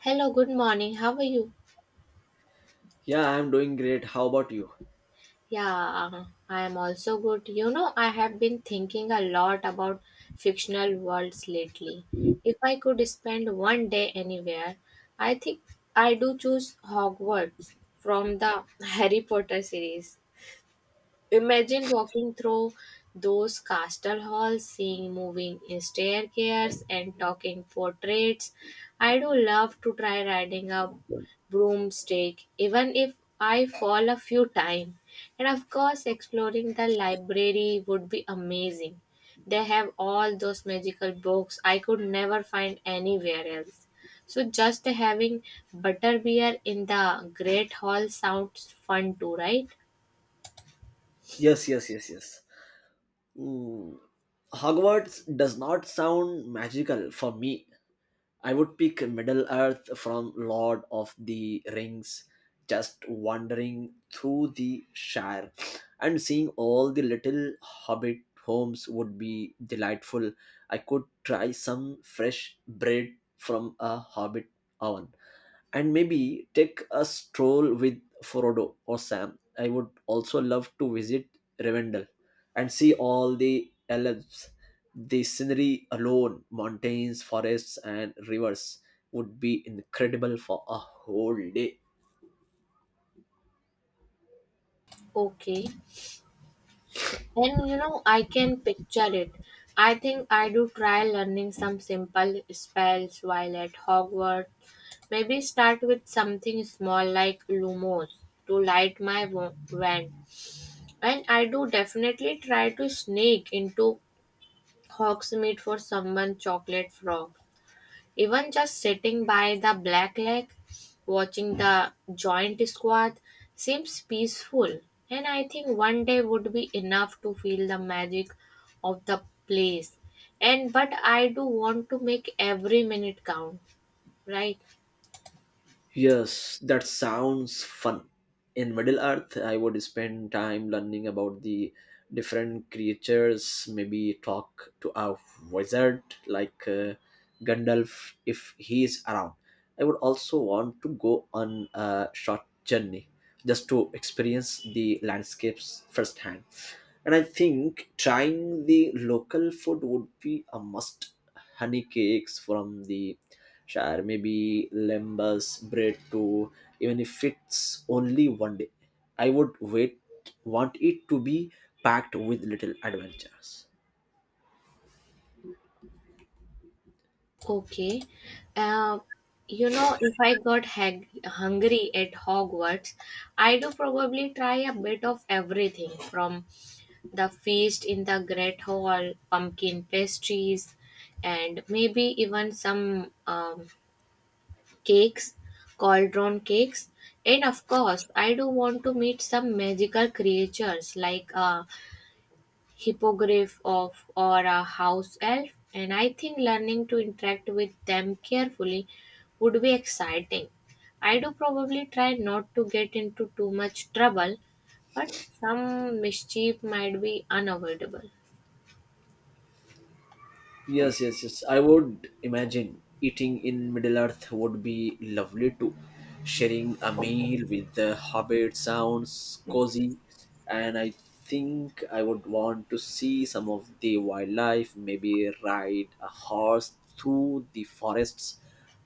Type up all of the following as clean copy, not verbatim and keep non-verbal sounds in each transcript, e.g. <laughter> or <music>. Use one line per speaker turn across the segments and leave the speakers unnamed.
Hello, good morning. How are you?
Yeah, I'm doing great. How about you?
Yeah, I am also good. You know, I have been thinking a lot about fictional worlds lately. If I could spend one day anywhere, I think I do choose Hogwarts from the <laughs> Harry Potter series. Imagine walking through those castle halls, seeing moving staircases and talking portraits. I do love to try riding a broomstick, even if I fall a few times. And of course, exploring the library would be amazing. They have all those magical books I could never find anywhere else. So just having butterbeer in the great hall sounds fun too, right?
Yes, yes, yes, yes. Mm, Hogwarts does not sound magical for me. I would pick Middle Earth from Lord of the Rings, just wandering through the Shire and seeing all the little hobbit homes would be delightful. I could try some fresh bread from a hobbit oven and maybe take a stroll with Frodo or Sam. I would also love to visit Rivendell and see all the elves. The scenery alone, mountains, forests, and rivers, would be incredible for a whole day.
Okay. And you know, I can picture it. I think I do try learning some simple spells while at Hogwarts. Maybe start with something small like Lumos to light my wand. And I do definitely try to sneak into Hogsmeade for someone chocolate frog. Even just sitting by the black lake, watching the giant squid seems peaceful, and I think one day would be enough to feel the magic of the place. And but I do want to make every minute count, right?
Yes, that sounds fun. In Middle Earth, I would spend time learning about the different creatures, maybe talk to a wizard like Gandalf if he is around. I would also want to go on a short journey just to experience the landscapes firsthand, and I think trying the local food would be a must. Honey cakes from the Shire, maybe lembas bread too. Even if it's only one day, I would wait want it to be packed with little adventures.
Okay. Uh, you know, if I got hungry at Hogwarts, I do probably try a bit of everything from the feast in the Great Hall, pumpkin pastries, and maybe even some cakes, cauldron cakes. And of course, I do want to meet some magical creatures like hippogriff of or a house elf, and I think learning to interact with them carefully would be exciting. I do probably try not to get into too much trouble, but some mischief might be unavoidable.
Yes, yes, yes. I would imagine eating in Middle Earth would be lovely too. Sharing a meal with the hobbit sounds cozy, and I think I would want to see some of the wildlife, maybe ride a horse through the forests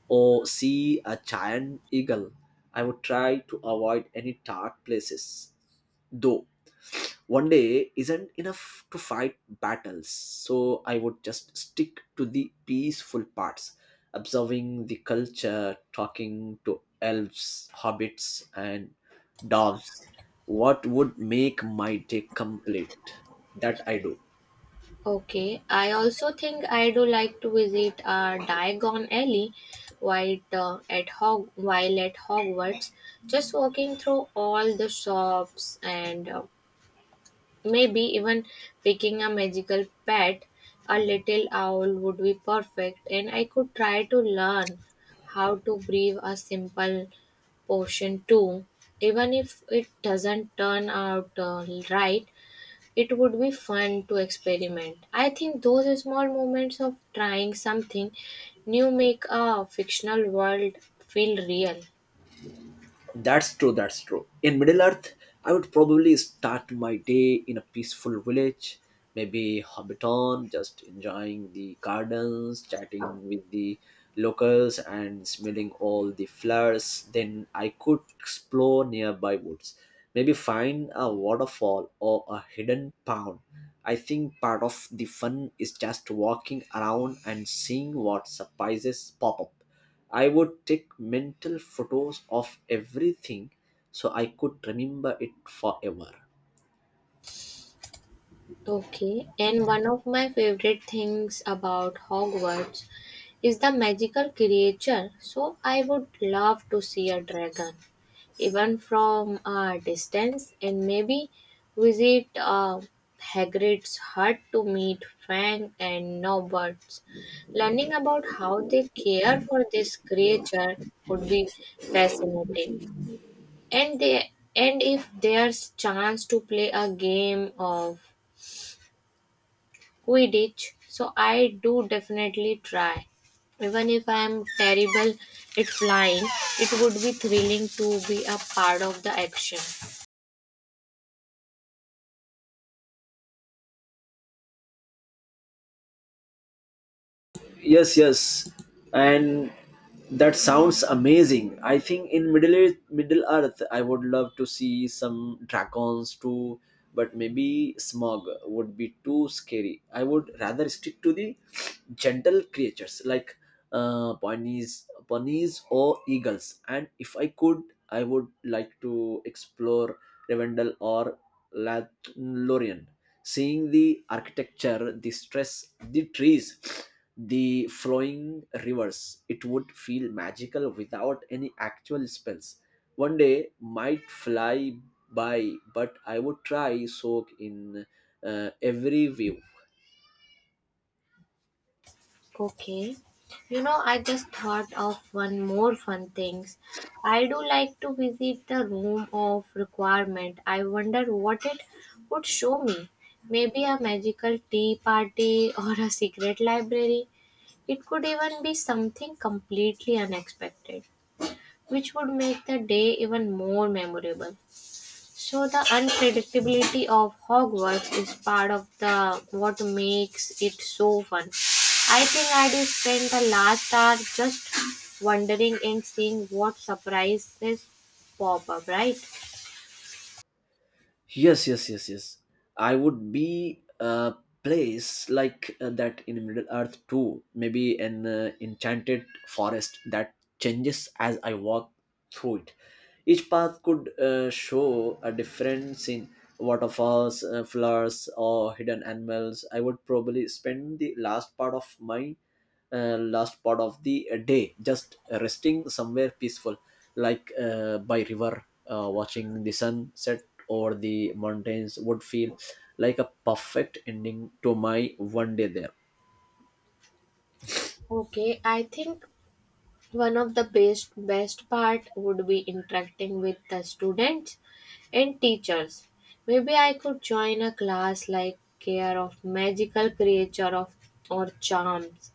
or see a giant eagle. I would try to avoid any dark places though. One day isn't enough to fight battles, so I would just stick to the peaceful parts, observing the culture, talking to elves, hobbits, and dogs. What would make my day complete, that I do.
Okay, I also think I do like to visit Diagon Alley while, at Hogwarts, just walking through all the shops, and maybe even picking a magical pet, a little owl would be perfect, and I could try to learn how to breathe a simple potion too. Even if it doesn't turn out right, it would be fun to experiment. I think those small moments of trying something new make a fictional world feel real.
That's true, that's true. In Middle Earth, I would probably start my day in a peaceful village, maybe Hobbiton, just enjoying the gardens, chatting with the locals, and smelling all the flowers. Then I could explore nearby woods, maybe find a waterfall or a hidden pond. I think part of the fun is just walking around and seeing what surprises pop up. I would take mental photos of everything so I could remember it forever.
Okay, and one of my favorite things about Hogwarts is the magical creature. So I would love to see a dragon, even from a distance, and maybe visit Hagrid's hut to meet Fang and Nobbs. Learning about how they care for this creature would be fascinating. And if there's chance to play a game of Quidditch, so I do definitely try. Even if I am terrible at flying, it would be thrilling to be a part of the action.
Yes, yes, and that sounds amazing. I think in Middle Earth I would love to see some dragons too, but maybe Smog would be too scary. I would rather stick to the gentle creatures like ponies or eagles. And if I could, I would like to explore Rivendell or Lothlorien, seeing the architecture, the stress, the trees, the flowing rivers. It would feel magical without any actual spells. One day might fly by, but I would try soak in every view.
Okay. You know, I just thought of one more fun things. I do like to visit the room of requirement. I wonder what it would show me. Maybe a magical tea party or a secret library. It could even be something completely unexpected, which would make the day even more memorable. So the unpredictability of Hogwarts is part of the what makes it so fun. I think I did spend the last hour just wondering and seeing what surprises pop up, right?
Yes, yes, yes, yes. I would be a place like that in Middle Earth too. Maybe an enchanted forest that changes as I walk through it. Each path could show a different scene, waterfalls, flowers, or hidden animals. I would probably spend the last part of my last part of the day just resting somewhere peaceful, like by river watching the sun set or the mountains. Would feel like a perfect ending to my one day there.
Okay, I think one of the best part would be interacting with the students and teachers. Maybe I could join a class like care of magical creature of or charms.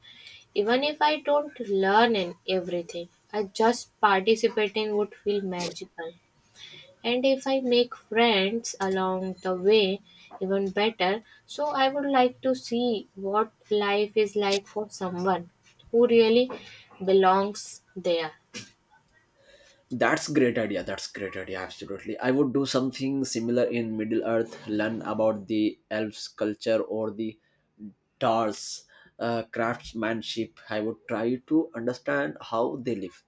Even if I don't learn in everything, I just participating would feel magical, and if I make friends along the way, even better. So I would like to see what life is like for someone who really belongs there.
That's great idea, that's great idea. Absolutely, I would do something similar in Middle Earth. Learn about the elves culture or the tars craftsmanship. I would try to understand how they live,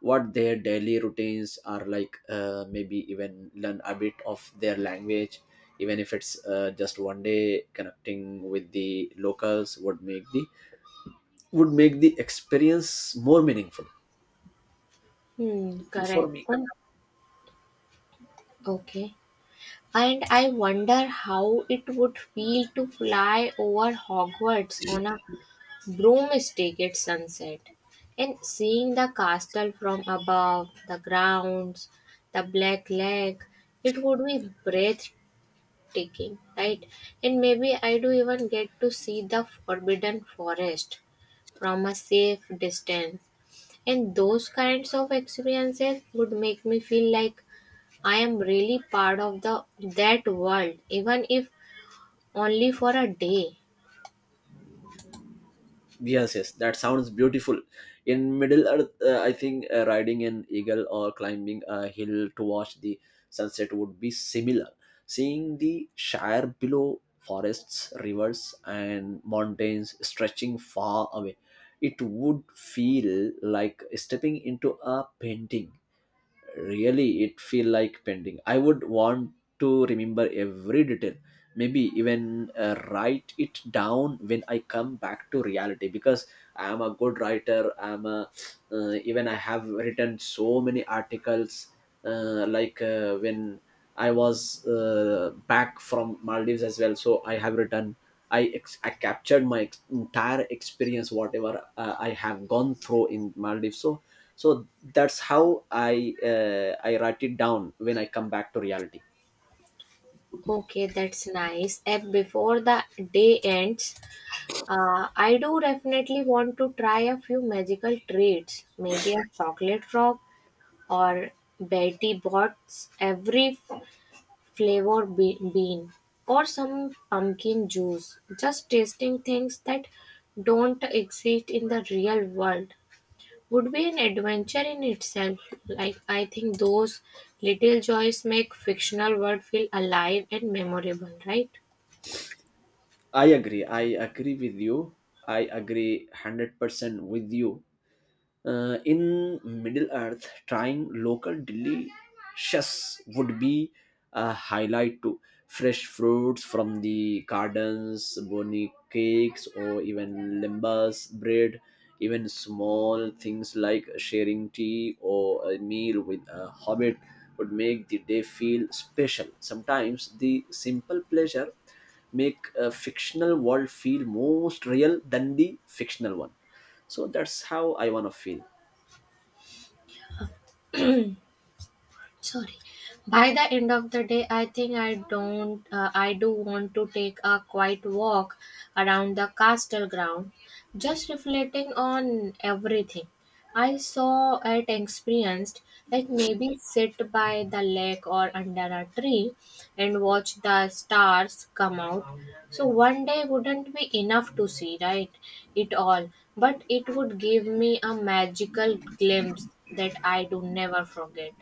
what their daily routines are like, maybe even learn a bit of their language. Even if it's just one day, connecting with the locals would make the experience more meaningful
Hmm, correct.
for me.
And okay. And I wonder how it would feel to fly over Hogwarts on a broomstick at sunset and seeing the castle from above, the grounds, the black lake. It would be breathtaking, right? And maybe I do even get to see the forbidden forest from a safe distance. And those kinds of experiences would make me feel like I am really part of the that world, even if only for a day.
Yes, yes, that sounds beautiful. In Middle Earth, I think riding an eagle or climbing a hill to watch the sunset would be similar. Seeing the Shire below, forests, rivers, and mountains stretching far away, it would feel like stepping into a painting. Really, it feel like pending. I would want to remember every detail, maybe even write it down when I come back to reality, because I am a good writer. I'm a even I have written so many articles, when I was back from Maldives as well. So I have written I captured my entire experience, whatever I have gone through in Maldives. So that's how I I write it down when I come back to reality.
Okay, that's nice. And before the day ends, I do definitely want to try a few magical treats. Maybe a chocolate frog or Betty Bott's every flavor bean, or some pumpkin juice. Just tasting things that don't exist in the real world would be an adventure in itself. Like, I think those little joys make fictional world feel alive and memorable, right?
I agree, I agree with you. I agree 100% with you. In Middle Earth, trying local delicious would be a highlight too. Fresh fruits from the gardens, bony cakes, or even limbus bread. Even small things like sharing tea or a meal with a hobbit would make the day feel special. Sometimes the simple pleasure make a fictional world feel most real than the fictional one. So that's how I want to feel.
Sorry. By the end of the day, I think I don't I do want to take a quiet walk around the castle ground, just reflecting on everything I saw and experienced. Like maybe sit by the lake or under a tree and watch the stars come out. So one day wouldn't be enough to see right it all, but it would give me a magical glimpse that I do never forget.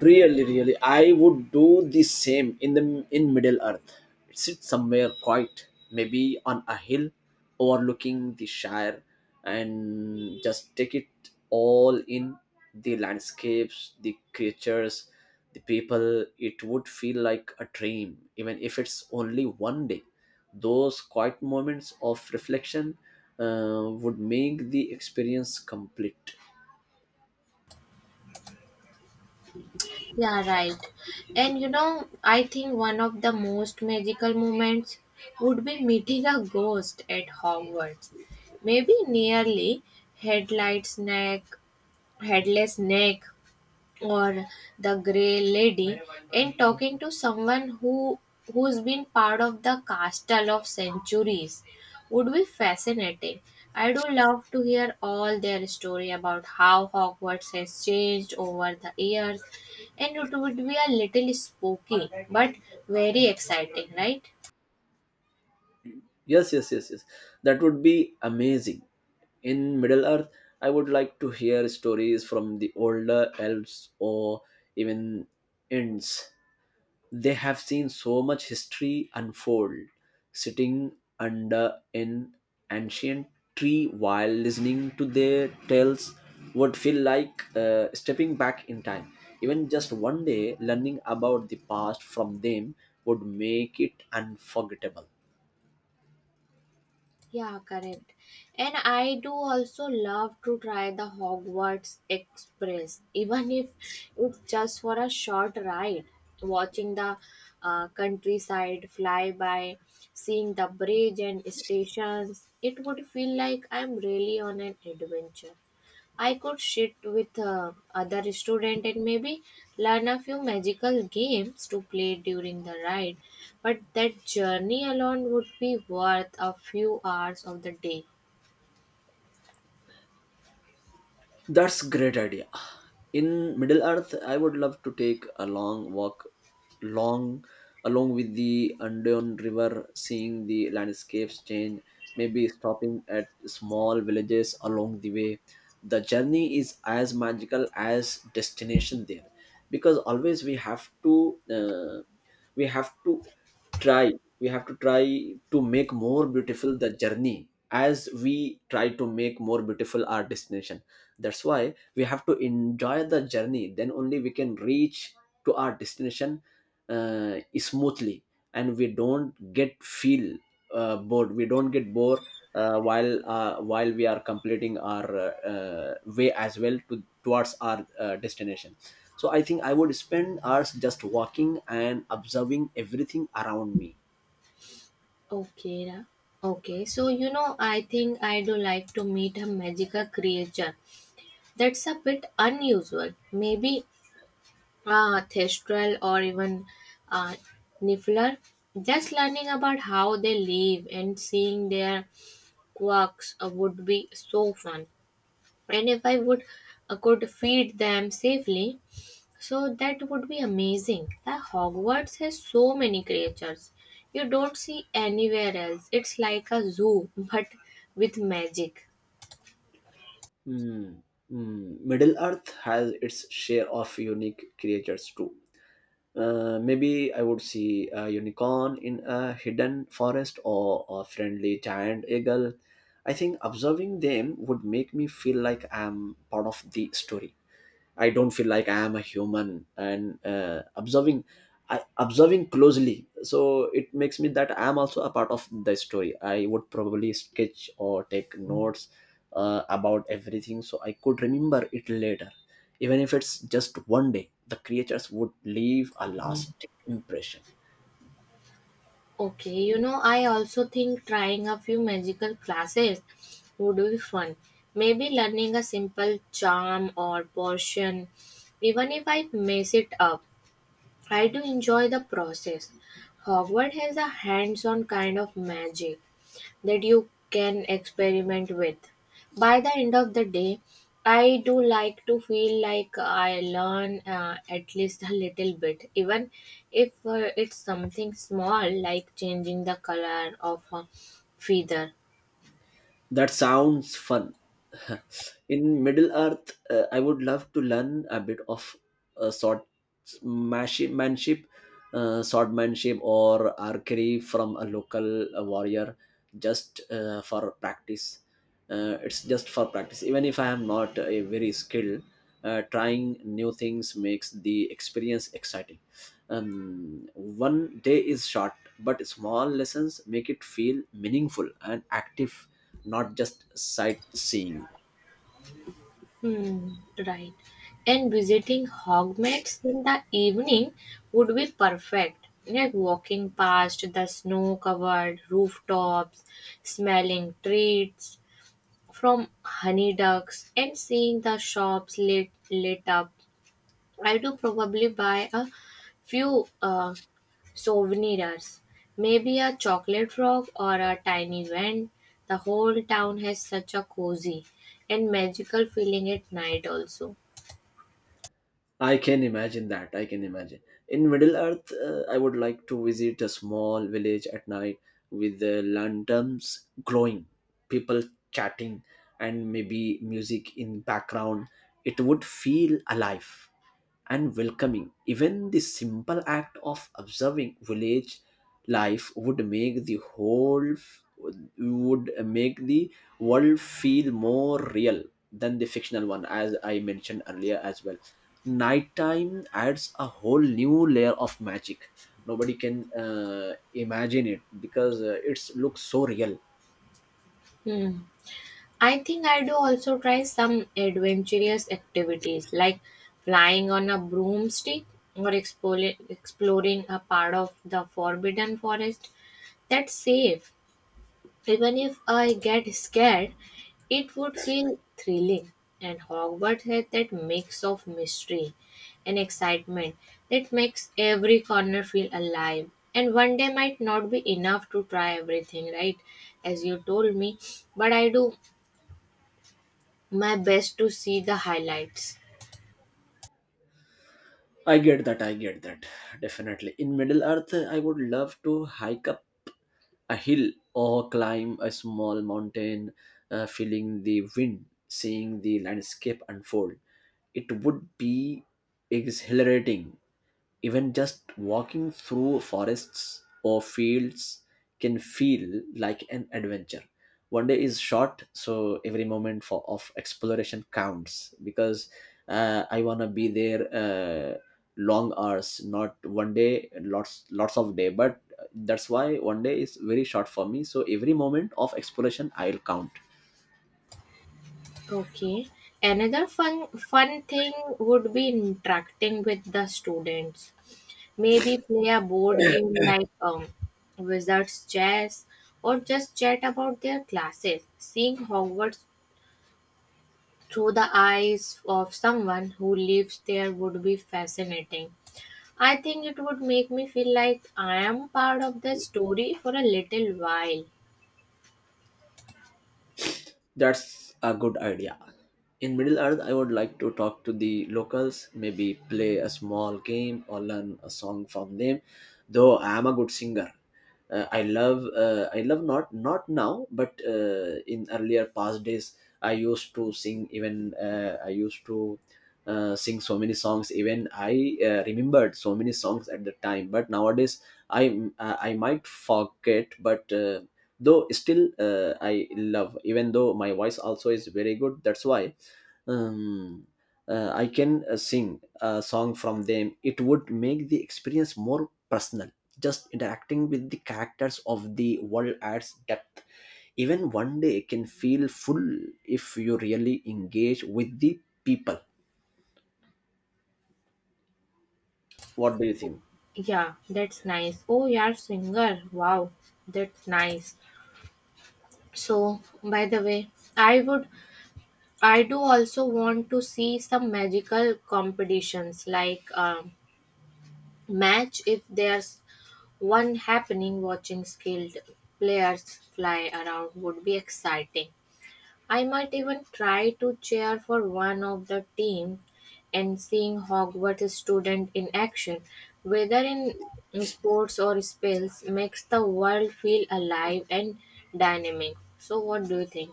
Really, really, I would do the same in the in Middle Earth. Sit somewhere quiet, maybe on a hill overlooking the Shire, and just take it all in. The landscapes, the creatures, the people, it would feel like a dream. Even if it's only one day, those quiet moments of reflection would make the experience complete.
Yeah, right. And you know, I think one of the most magical moments would be meeting a ghost at Hogwarts. Maybe headlights neck, headless neck, or the grey lady, in talking to someone who's been part of the castle of centuries would be fascinating. I do love to hear all their story about how Hogwarts has changed over the years, and it would be a little spooky but very exciting, right?
Yes, yes, yes, yes. That would be amazing. In Middle Earth, I would like to hear stories from the older elves or even Ents. They have seen so much history unfold. Sitting under an ancient tree while listening to their tales would feel like stepping back in time. Even just one day, learning about the past from them would make it unforgettable.
Yeah, correct. And I do also love to try the Hogwarts Express, even if it's just for a short ride. Watching the countryside fly by, seeing the bridge and stations, it would feel like I'm really on an adventure. I could sit with other student and maybe learn a few magical games to play during the ride, but that journey alone would be worth a few hours of the day.
That's great idea. In Middle Earth, I would love to take a long walk, long along with the Andean River, seeing the landscapes change. Maybe stopping at small villages along the way. The journey is as magical as destination there, because always we have to try we have to try to make more beautiful the journey as we try to make more beautiful our destination. That's why we have to enjoy the journey, then only we can reach to our destination smoothly, and we don't get feel bored, we don't get bored while we are completing our way as well towards our destination. So I think I would spend hours just walking and observing everything around me.
Okay, Ra. Okay. So you know, I think I do like to meet a magical creature. That's a bit unusual. Maybe a thestral or even a niffler. Just learning about how they live and seeing their Quacks would be so fun. And if I would could feed them safely, so that would be amazing. The Hogwarts has so many creatures you don't see anywhere else. It's like a zoo <laughs> but with magic.
Mm, mm. Middle Earth has its share of unique creatures too. Maybe I would see a unicorn in a hidden forest or a friendly giant eagle. I think observing them would make me feel like I'm part of the story. I don't feel like I am a human, and observing, observing closely, so it makes me that I am also a part of the story. I would probably sketch or take notes about everything, so I could remember it later, even if it's just one day. The creatures would leave a lasting impression.
Okay, you know, I also think trying a few magical classes would be fun. Maybe learning a simple charm or potion, even if I mess it up. I do enjoy the process. Hogwarts has a hands on kind of magic that you can experiment with. By the end of the day, I do like to feel like I learn at least a little bit, even if it's something small like changing the color of a feather.
That sounds fun. <laughs> In Middle Earth, I would love to learn a bit of uh, swordmanship, swordmanship, or archery from a local warrior, just for practice. It's just for practice. Even if I am not a very skilled, trying new things makes the experience exciting. One day is short, but small lessons make it feel meaningful and active, not just sightseeing.
Hmm, right. And visiting Hogwarts in the evening would be perfect. Like walking past the snow-covered rooftops, smelling treats from honey ducks, and seeing the shops lit up. I do probably buy a few souvenirs, maybe a chocolate frog or a tiny wand. The whole town has such a cozy and magical feeling at night also.
I can imagine that. I can imagine. In Middle Earth, I would like to visit a small village at night with the lanterns glowing, people chatting, and maybe music in background. It would feel alive and welcoming. Even the simple act of observing village life would make the whole would make the world feel more real than the fictional one, as I mentioned earlier as well. Nighttime adds a whole new layer of magic. Nobody can imagine it, because it looks so real.
Hmm. I think I do also try some adventurous activities like flying on a broomstick or exploring a part of the forbidden forest. That's safe. Even if I get scared, it would feel thrilling. And Hogwarts had that mix of mystery and excitement that makes every corner feel alive. And one day might not be enough to try everything, right? As you told me, but I do my best to see the highlights.
I get that. I get that. Definitely. In Middle Earth, I would love to hike up a hill or climb a small mountain, feeling the wind, seeing the landscape unfold. It would be exhilarating. Even just walking through forests or fields can feel like an adventure. One day is short, so every moment for of exploration counts, because I wanna be there long hours, not one day, lots of day. But that's why one day is very short for me. So every moment of exploration I'll count.
Okay. Another fun thing would be interacting with the students. Maybe play a board game like Wizard's Chess, or just chat about their classes. Seeing Hogwarts through the eyes of someone who lives there would be fascinating. I think it would make me feel like I am part of the story for a little while.
That's a good idea. In Middle Earth, I would like to talk to the locals, maybe play a small game or learn a song from them. Though I am a good singer, I love, not now, but in earlier past days, I used to sing. Even I used to sing so many songs. Even I remembered so many songs at the time. But nowadays, I might forget, but. Though still I love, even though my voice also is very good. That's why um, I can sing a song from them. It would make the experience more personal, just interacting with the characters of the world adds depth. Even one day can feel full if you really engage with the people. What do you think?
Yeah, that's nice. Oh, you're singer. Wow, that's nice. So, by the way, I would, I do also want to see some magical competitions like match if there's one happening. Watching skilled players fly around would be exciting. I might even try to cheer for one of the team, and seeing Hogwarts student in action, whether in sports or spells, makes the world feel alive and dynamic. So what do you think?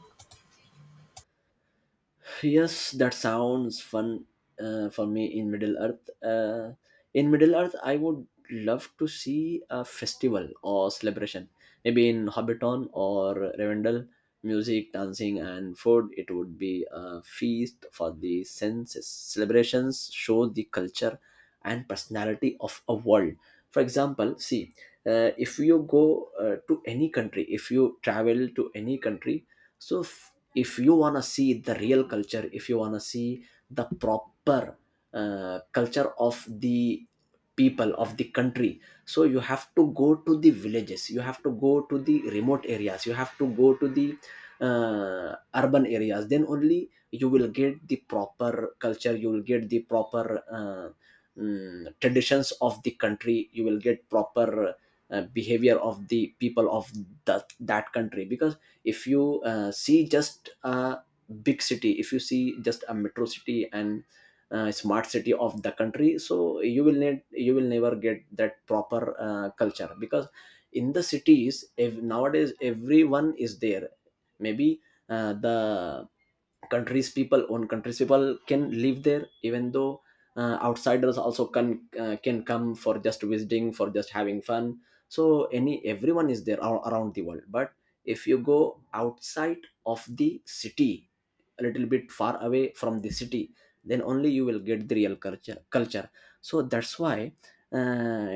Yes, that sounds fun for me. In Middle Earth, in Middle Earth, I would love to see a festival or celebration. Maybe in Hobbiton or Rivendell, music, dancing, and food. It would be a feast for the senses. Celebrations show the culture and personality of a world. For example, see, if you go to any country, if you travel to any country, so if you want to see the real culture, if you want to see the proper culture of the people of the country, so you have to go to the villages, you have to go to the remote areas, you have to go to the urban areas, then only you will get the proper culture, you will get the proper traditions of the country, you will get proper behavior of the people of that country. Because if you see just a big city, if you see just a metro city and smart city of the country, so you will need, you will never get that proper culture. Because in the cities, if nowadays everyone is there, maybe the countries people, own countries people can live there, even though outsiders also can come for just visiting, for just having fun. So any, everyone is there around the world. But if you go outside of the city, a little bit far away from the city, then only you will get the real culture. So that's why uh,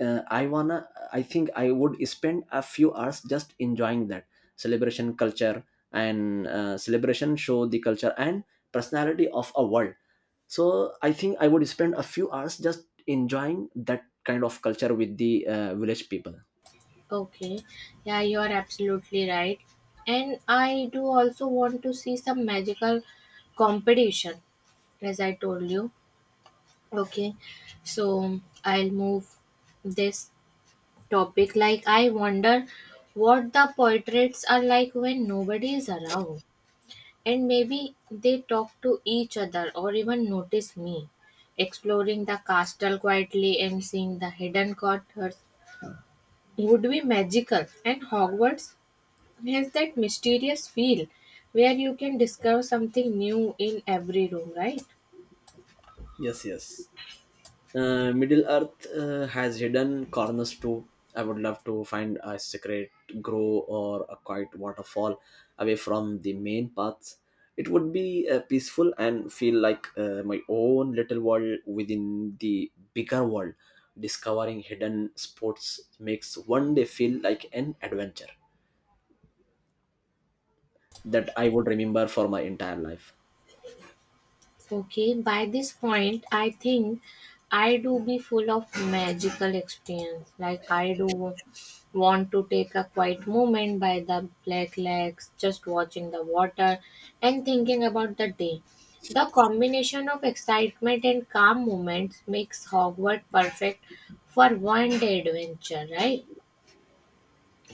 I wanna I think I would spend a few hours just enjoying that celebration culture. And celebration show the culture and personality of a world. So I think I would spend a few hours just enjoying that kind of culture with the village people.
Okay, yeah, you are absolutely right. And I do also want to see some magical competition, as I told you. Okay, so I'll move this topic. Like, I wonder what the portraits are like when nobody is around. And maybe they talk to each other or even notice me. Exploring the castle quietly and seeing the hidden quarters would be magical. And Hogwarts has that mysterious feel where you can discover something new in every room, right?
Yes, yes. Middle Earth has hidden corners too. I would love to find a secret grove or a quiet waterfall away from the main paths. It would be peaceful and feel like my own little world within the bigger world. Discovering hidden spots makes one day feel like an adventure that I would remember for my entire life.
Okay, by this point, I think I do be full of magical experience. Like I do want to take a quiet moment by the black lakes, just watching the water and thinking about the day. The combination of excitement and calm moments makes Hogwarts perfect for one day adventure, right?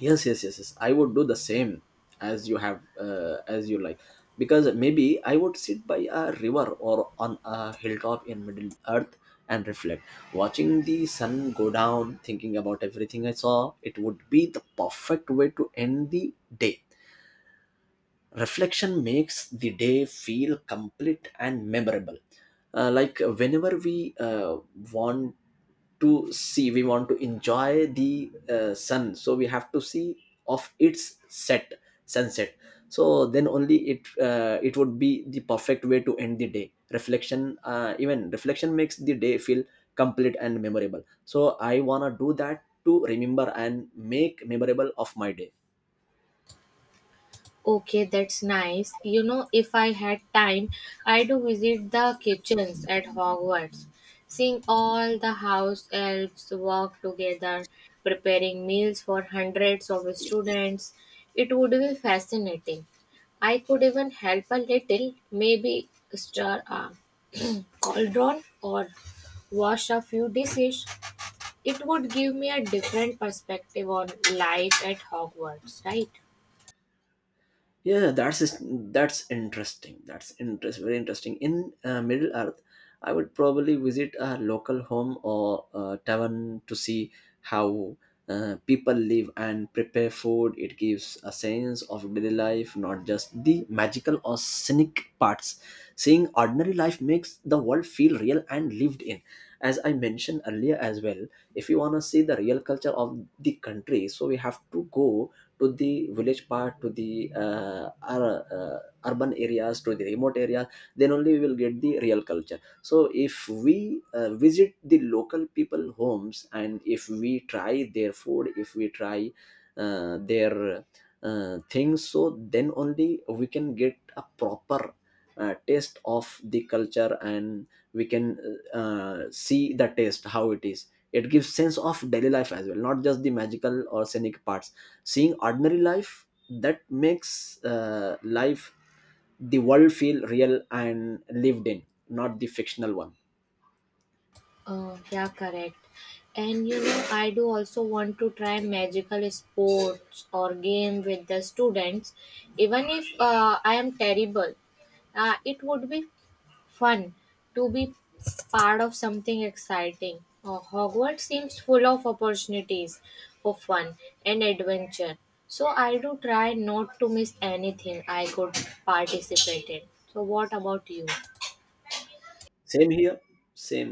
Yes, yes, yes, yes, I would do the same as you have, as you like. Because maybe I would sit by a river or on a hilltop in Middle Earth and reflect, watching the sun go down, thinking about everything I saw. It would be the perfect way to end the day. Reflection makes the day feel complete and memorable. Like whenever we want to see, we want to enjoy the sun, so we have to see of its set, sunset. So then only it it would be the perfect way to end the day reflection. Uh, even reflection makes the day feel complete and memorable. So I want to do that to remember and make memorable of my day.
Okay, that's nice. You know, if I had time, I'd visit the kitchens at Hogwarts, seeing all the house elves work together, preparing meals for hundreds of students. It would be fascinating. I could even help a little, maybe stir a cauldron or wash a few dishes. It would give me a different perspective on life at Hogwarts, right?
Yeah, that's interesting. That's interest Very interesting. In Middle Earth, I would probably visit a local home or a tavern to see how people live and prepare food. It gives a sense of daily life, not just the magical or scenic parts. Seeing ordinary life makes the world feel real and lived in. As I mentioned earlier as well, if you want to see the real culture of the country, so we have to go to the village part, to the ur- uh, urban areas, to the remote areas, then only we will get the real culture. So if we visit the local people homes, and if we try their food, if we try their things, so then only we can get a proper taste of the culture. And we can see the taste, how it is. It gives sense of daily life as well, not just the magical or scenic parts. Seeing ordinary life, that makes life the world feel real and lived in, not the fictional one.
Yeah, correct. And you know, I do also want to try magical sports or game with the students, even if I am terrible. It would be fun to be part of something exciting. Hogwarts seems full of opportunities for fun and adventure. So I do try not to miss anything I could participate in. So what about you?
Same here, same,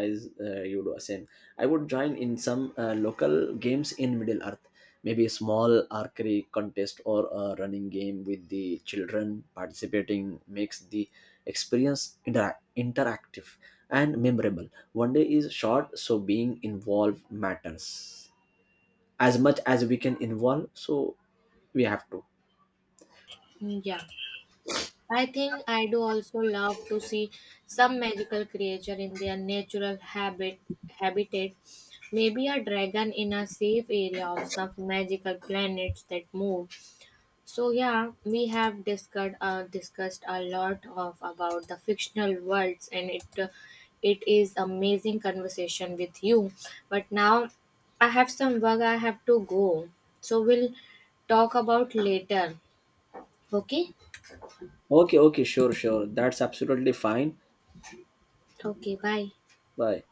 as you do, same. I would join in some local games in Middle Earth. Maybe a small archery contest or a running game with the children. Participating makes the experience interactive and memorable. One day is short, so being involved matters as much as we can involve, so we have to.
Yeah. I think I do also love to see some magical creature in their natural habitat. Maybe a dragon in a safe area or some magical planets that move. So yeah, we have discussed a lot of about the fictional worlds, and it is amazing conversation with you. But now I have some work. I have to go. So we'll talk about later. Okay.
Okay, okay, sure, sure. That's absolutely fine.
Okay. Bye.
Bye.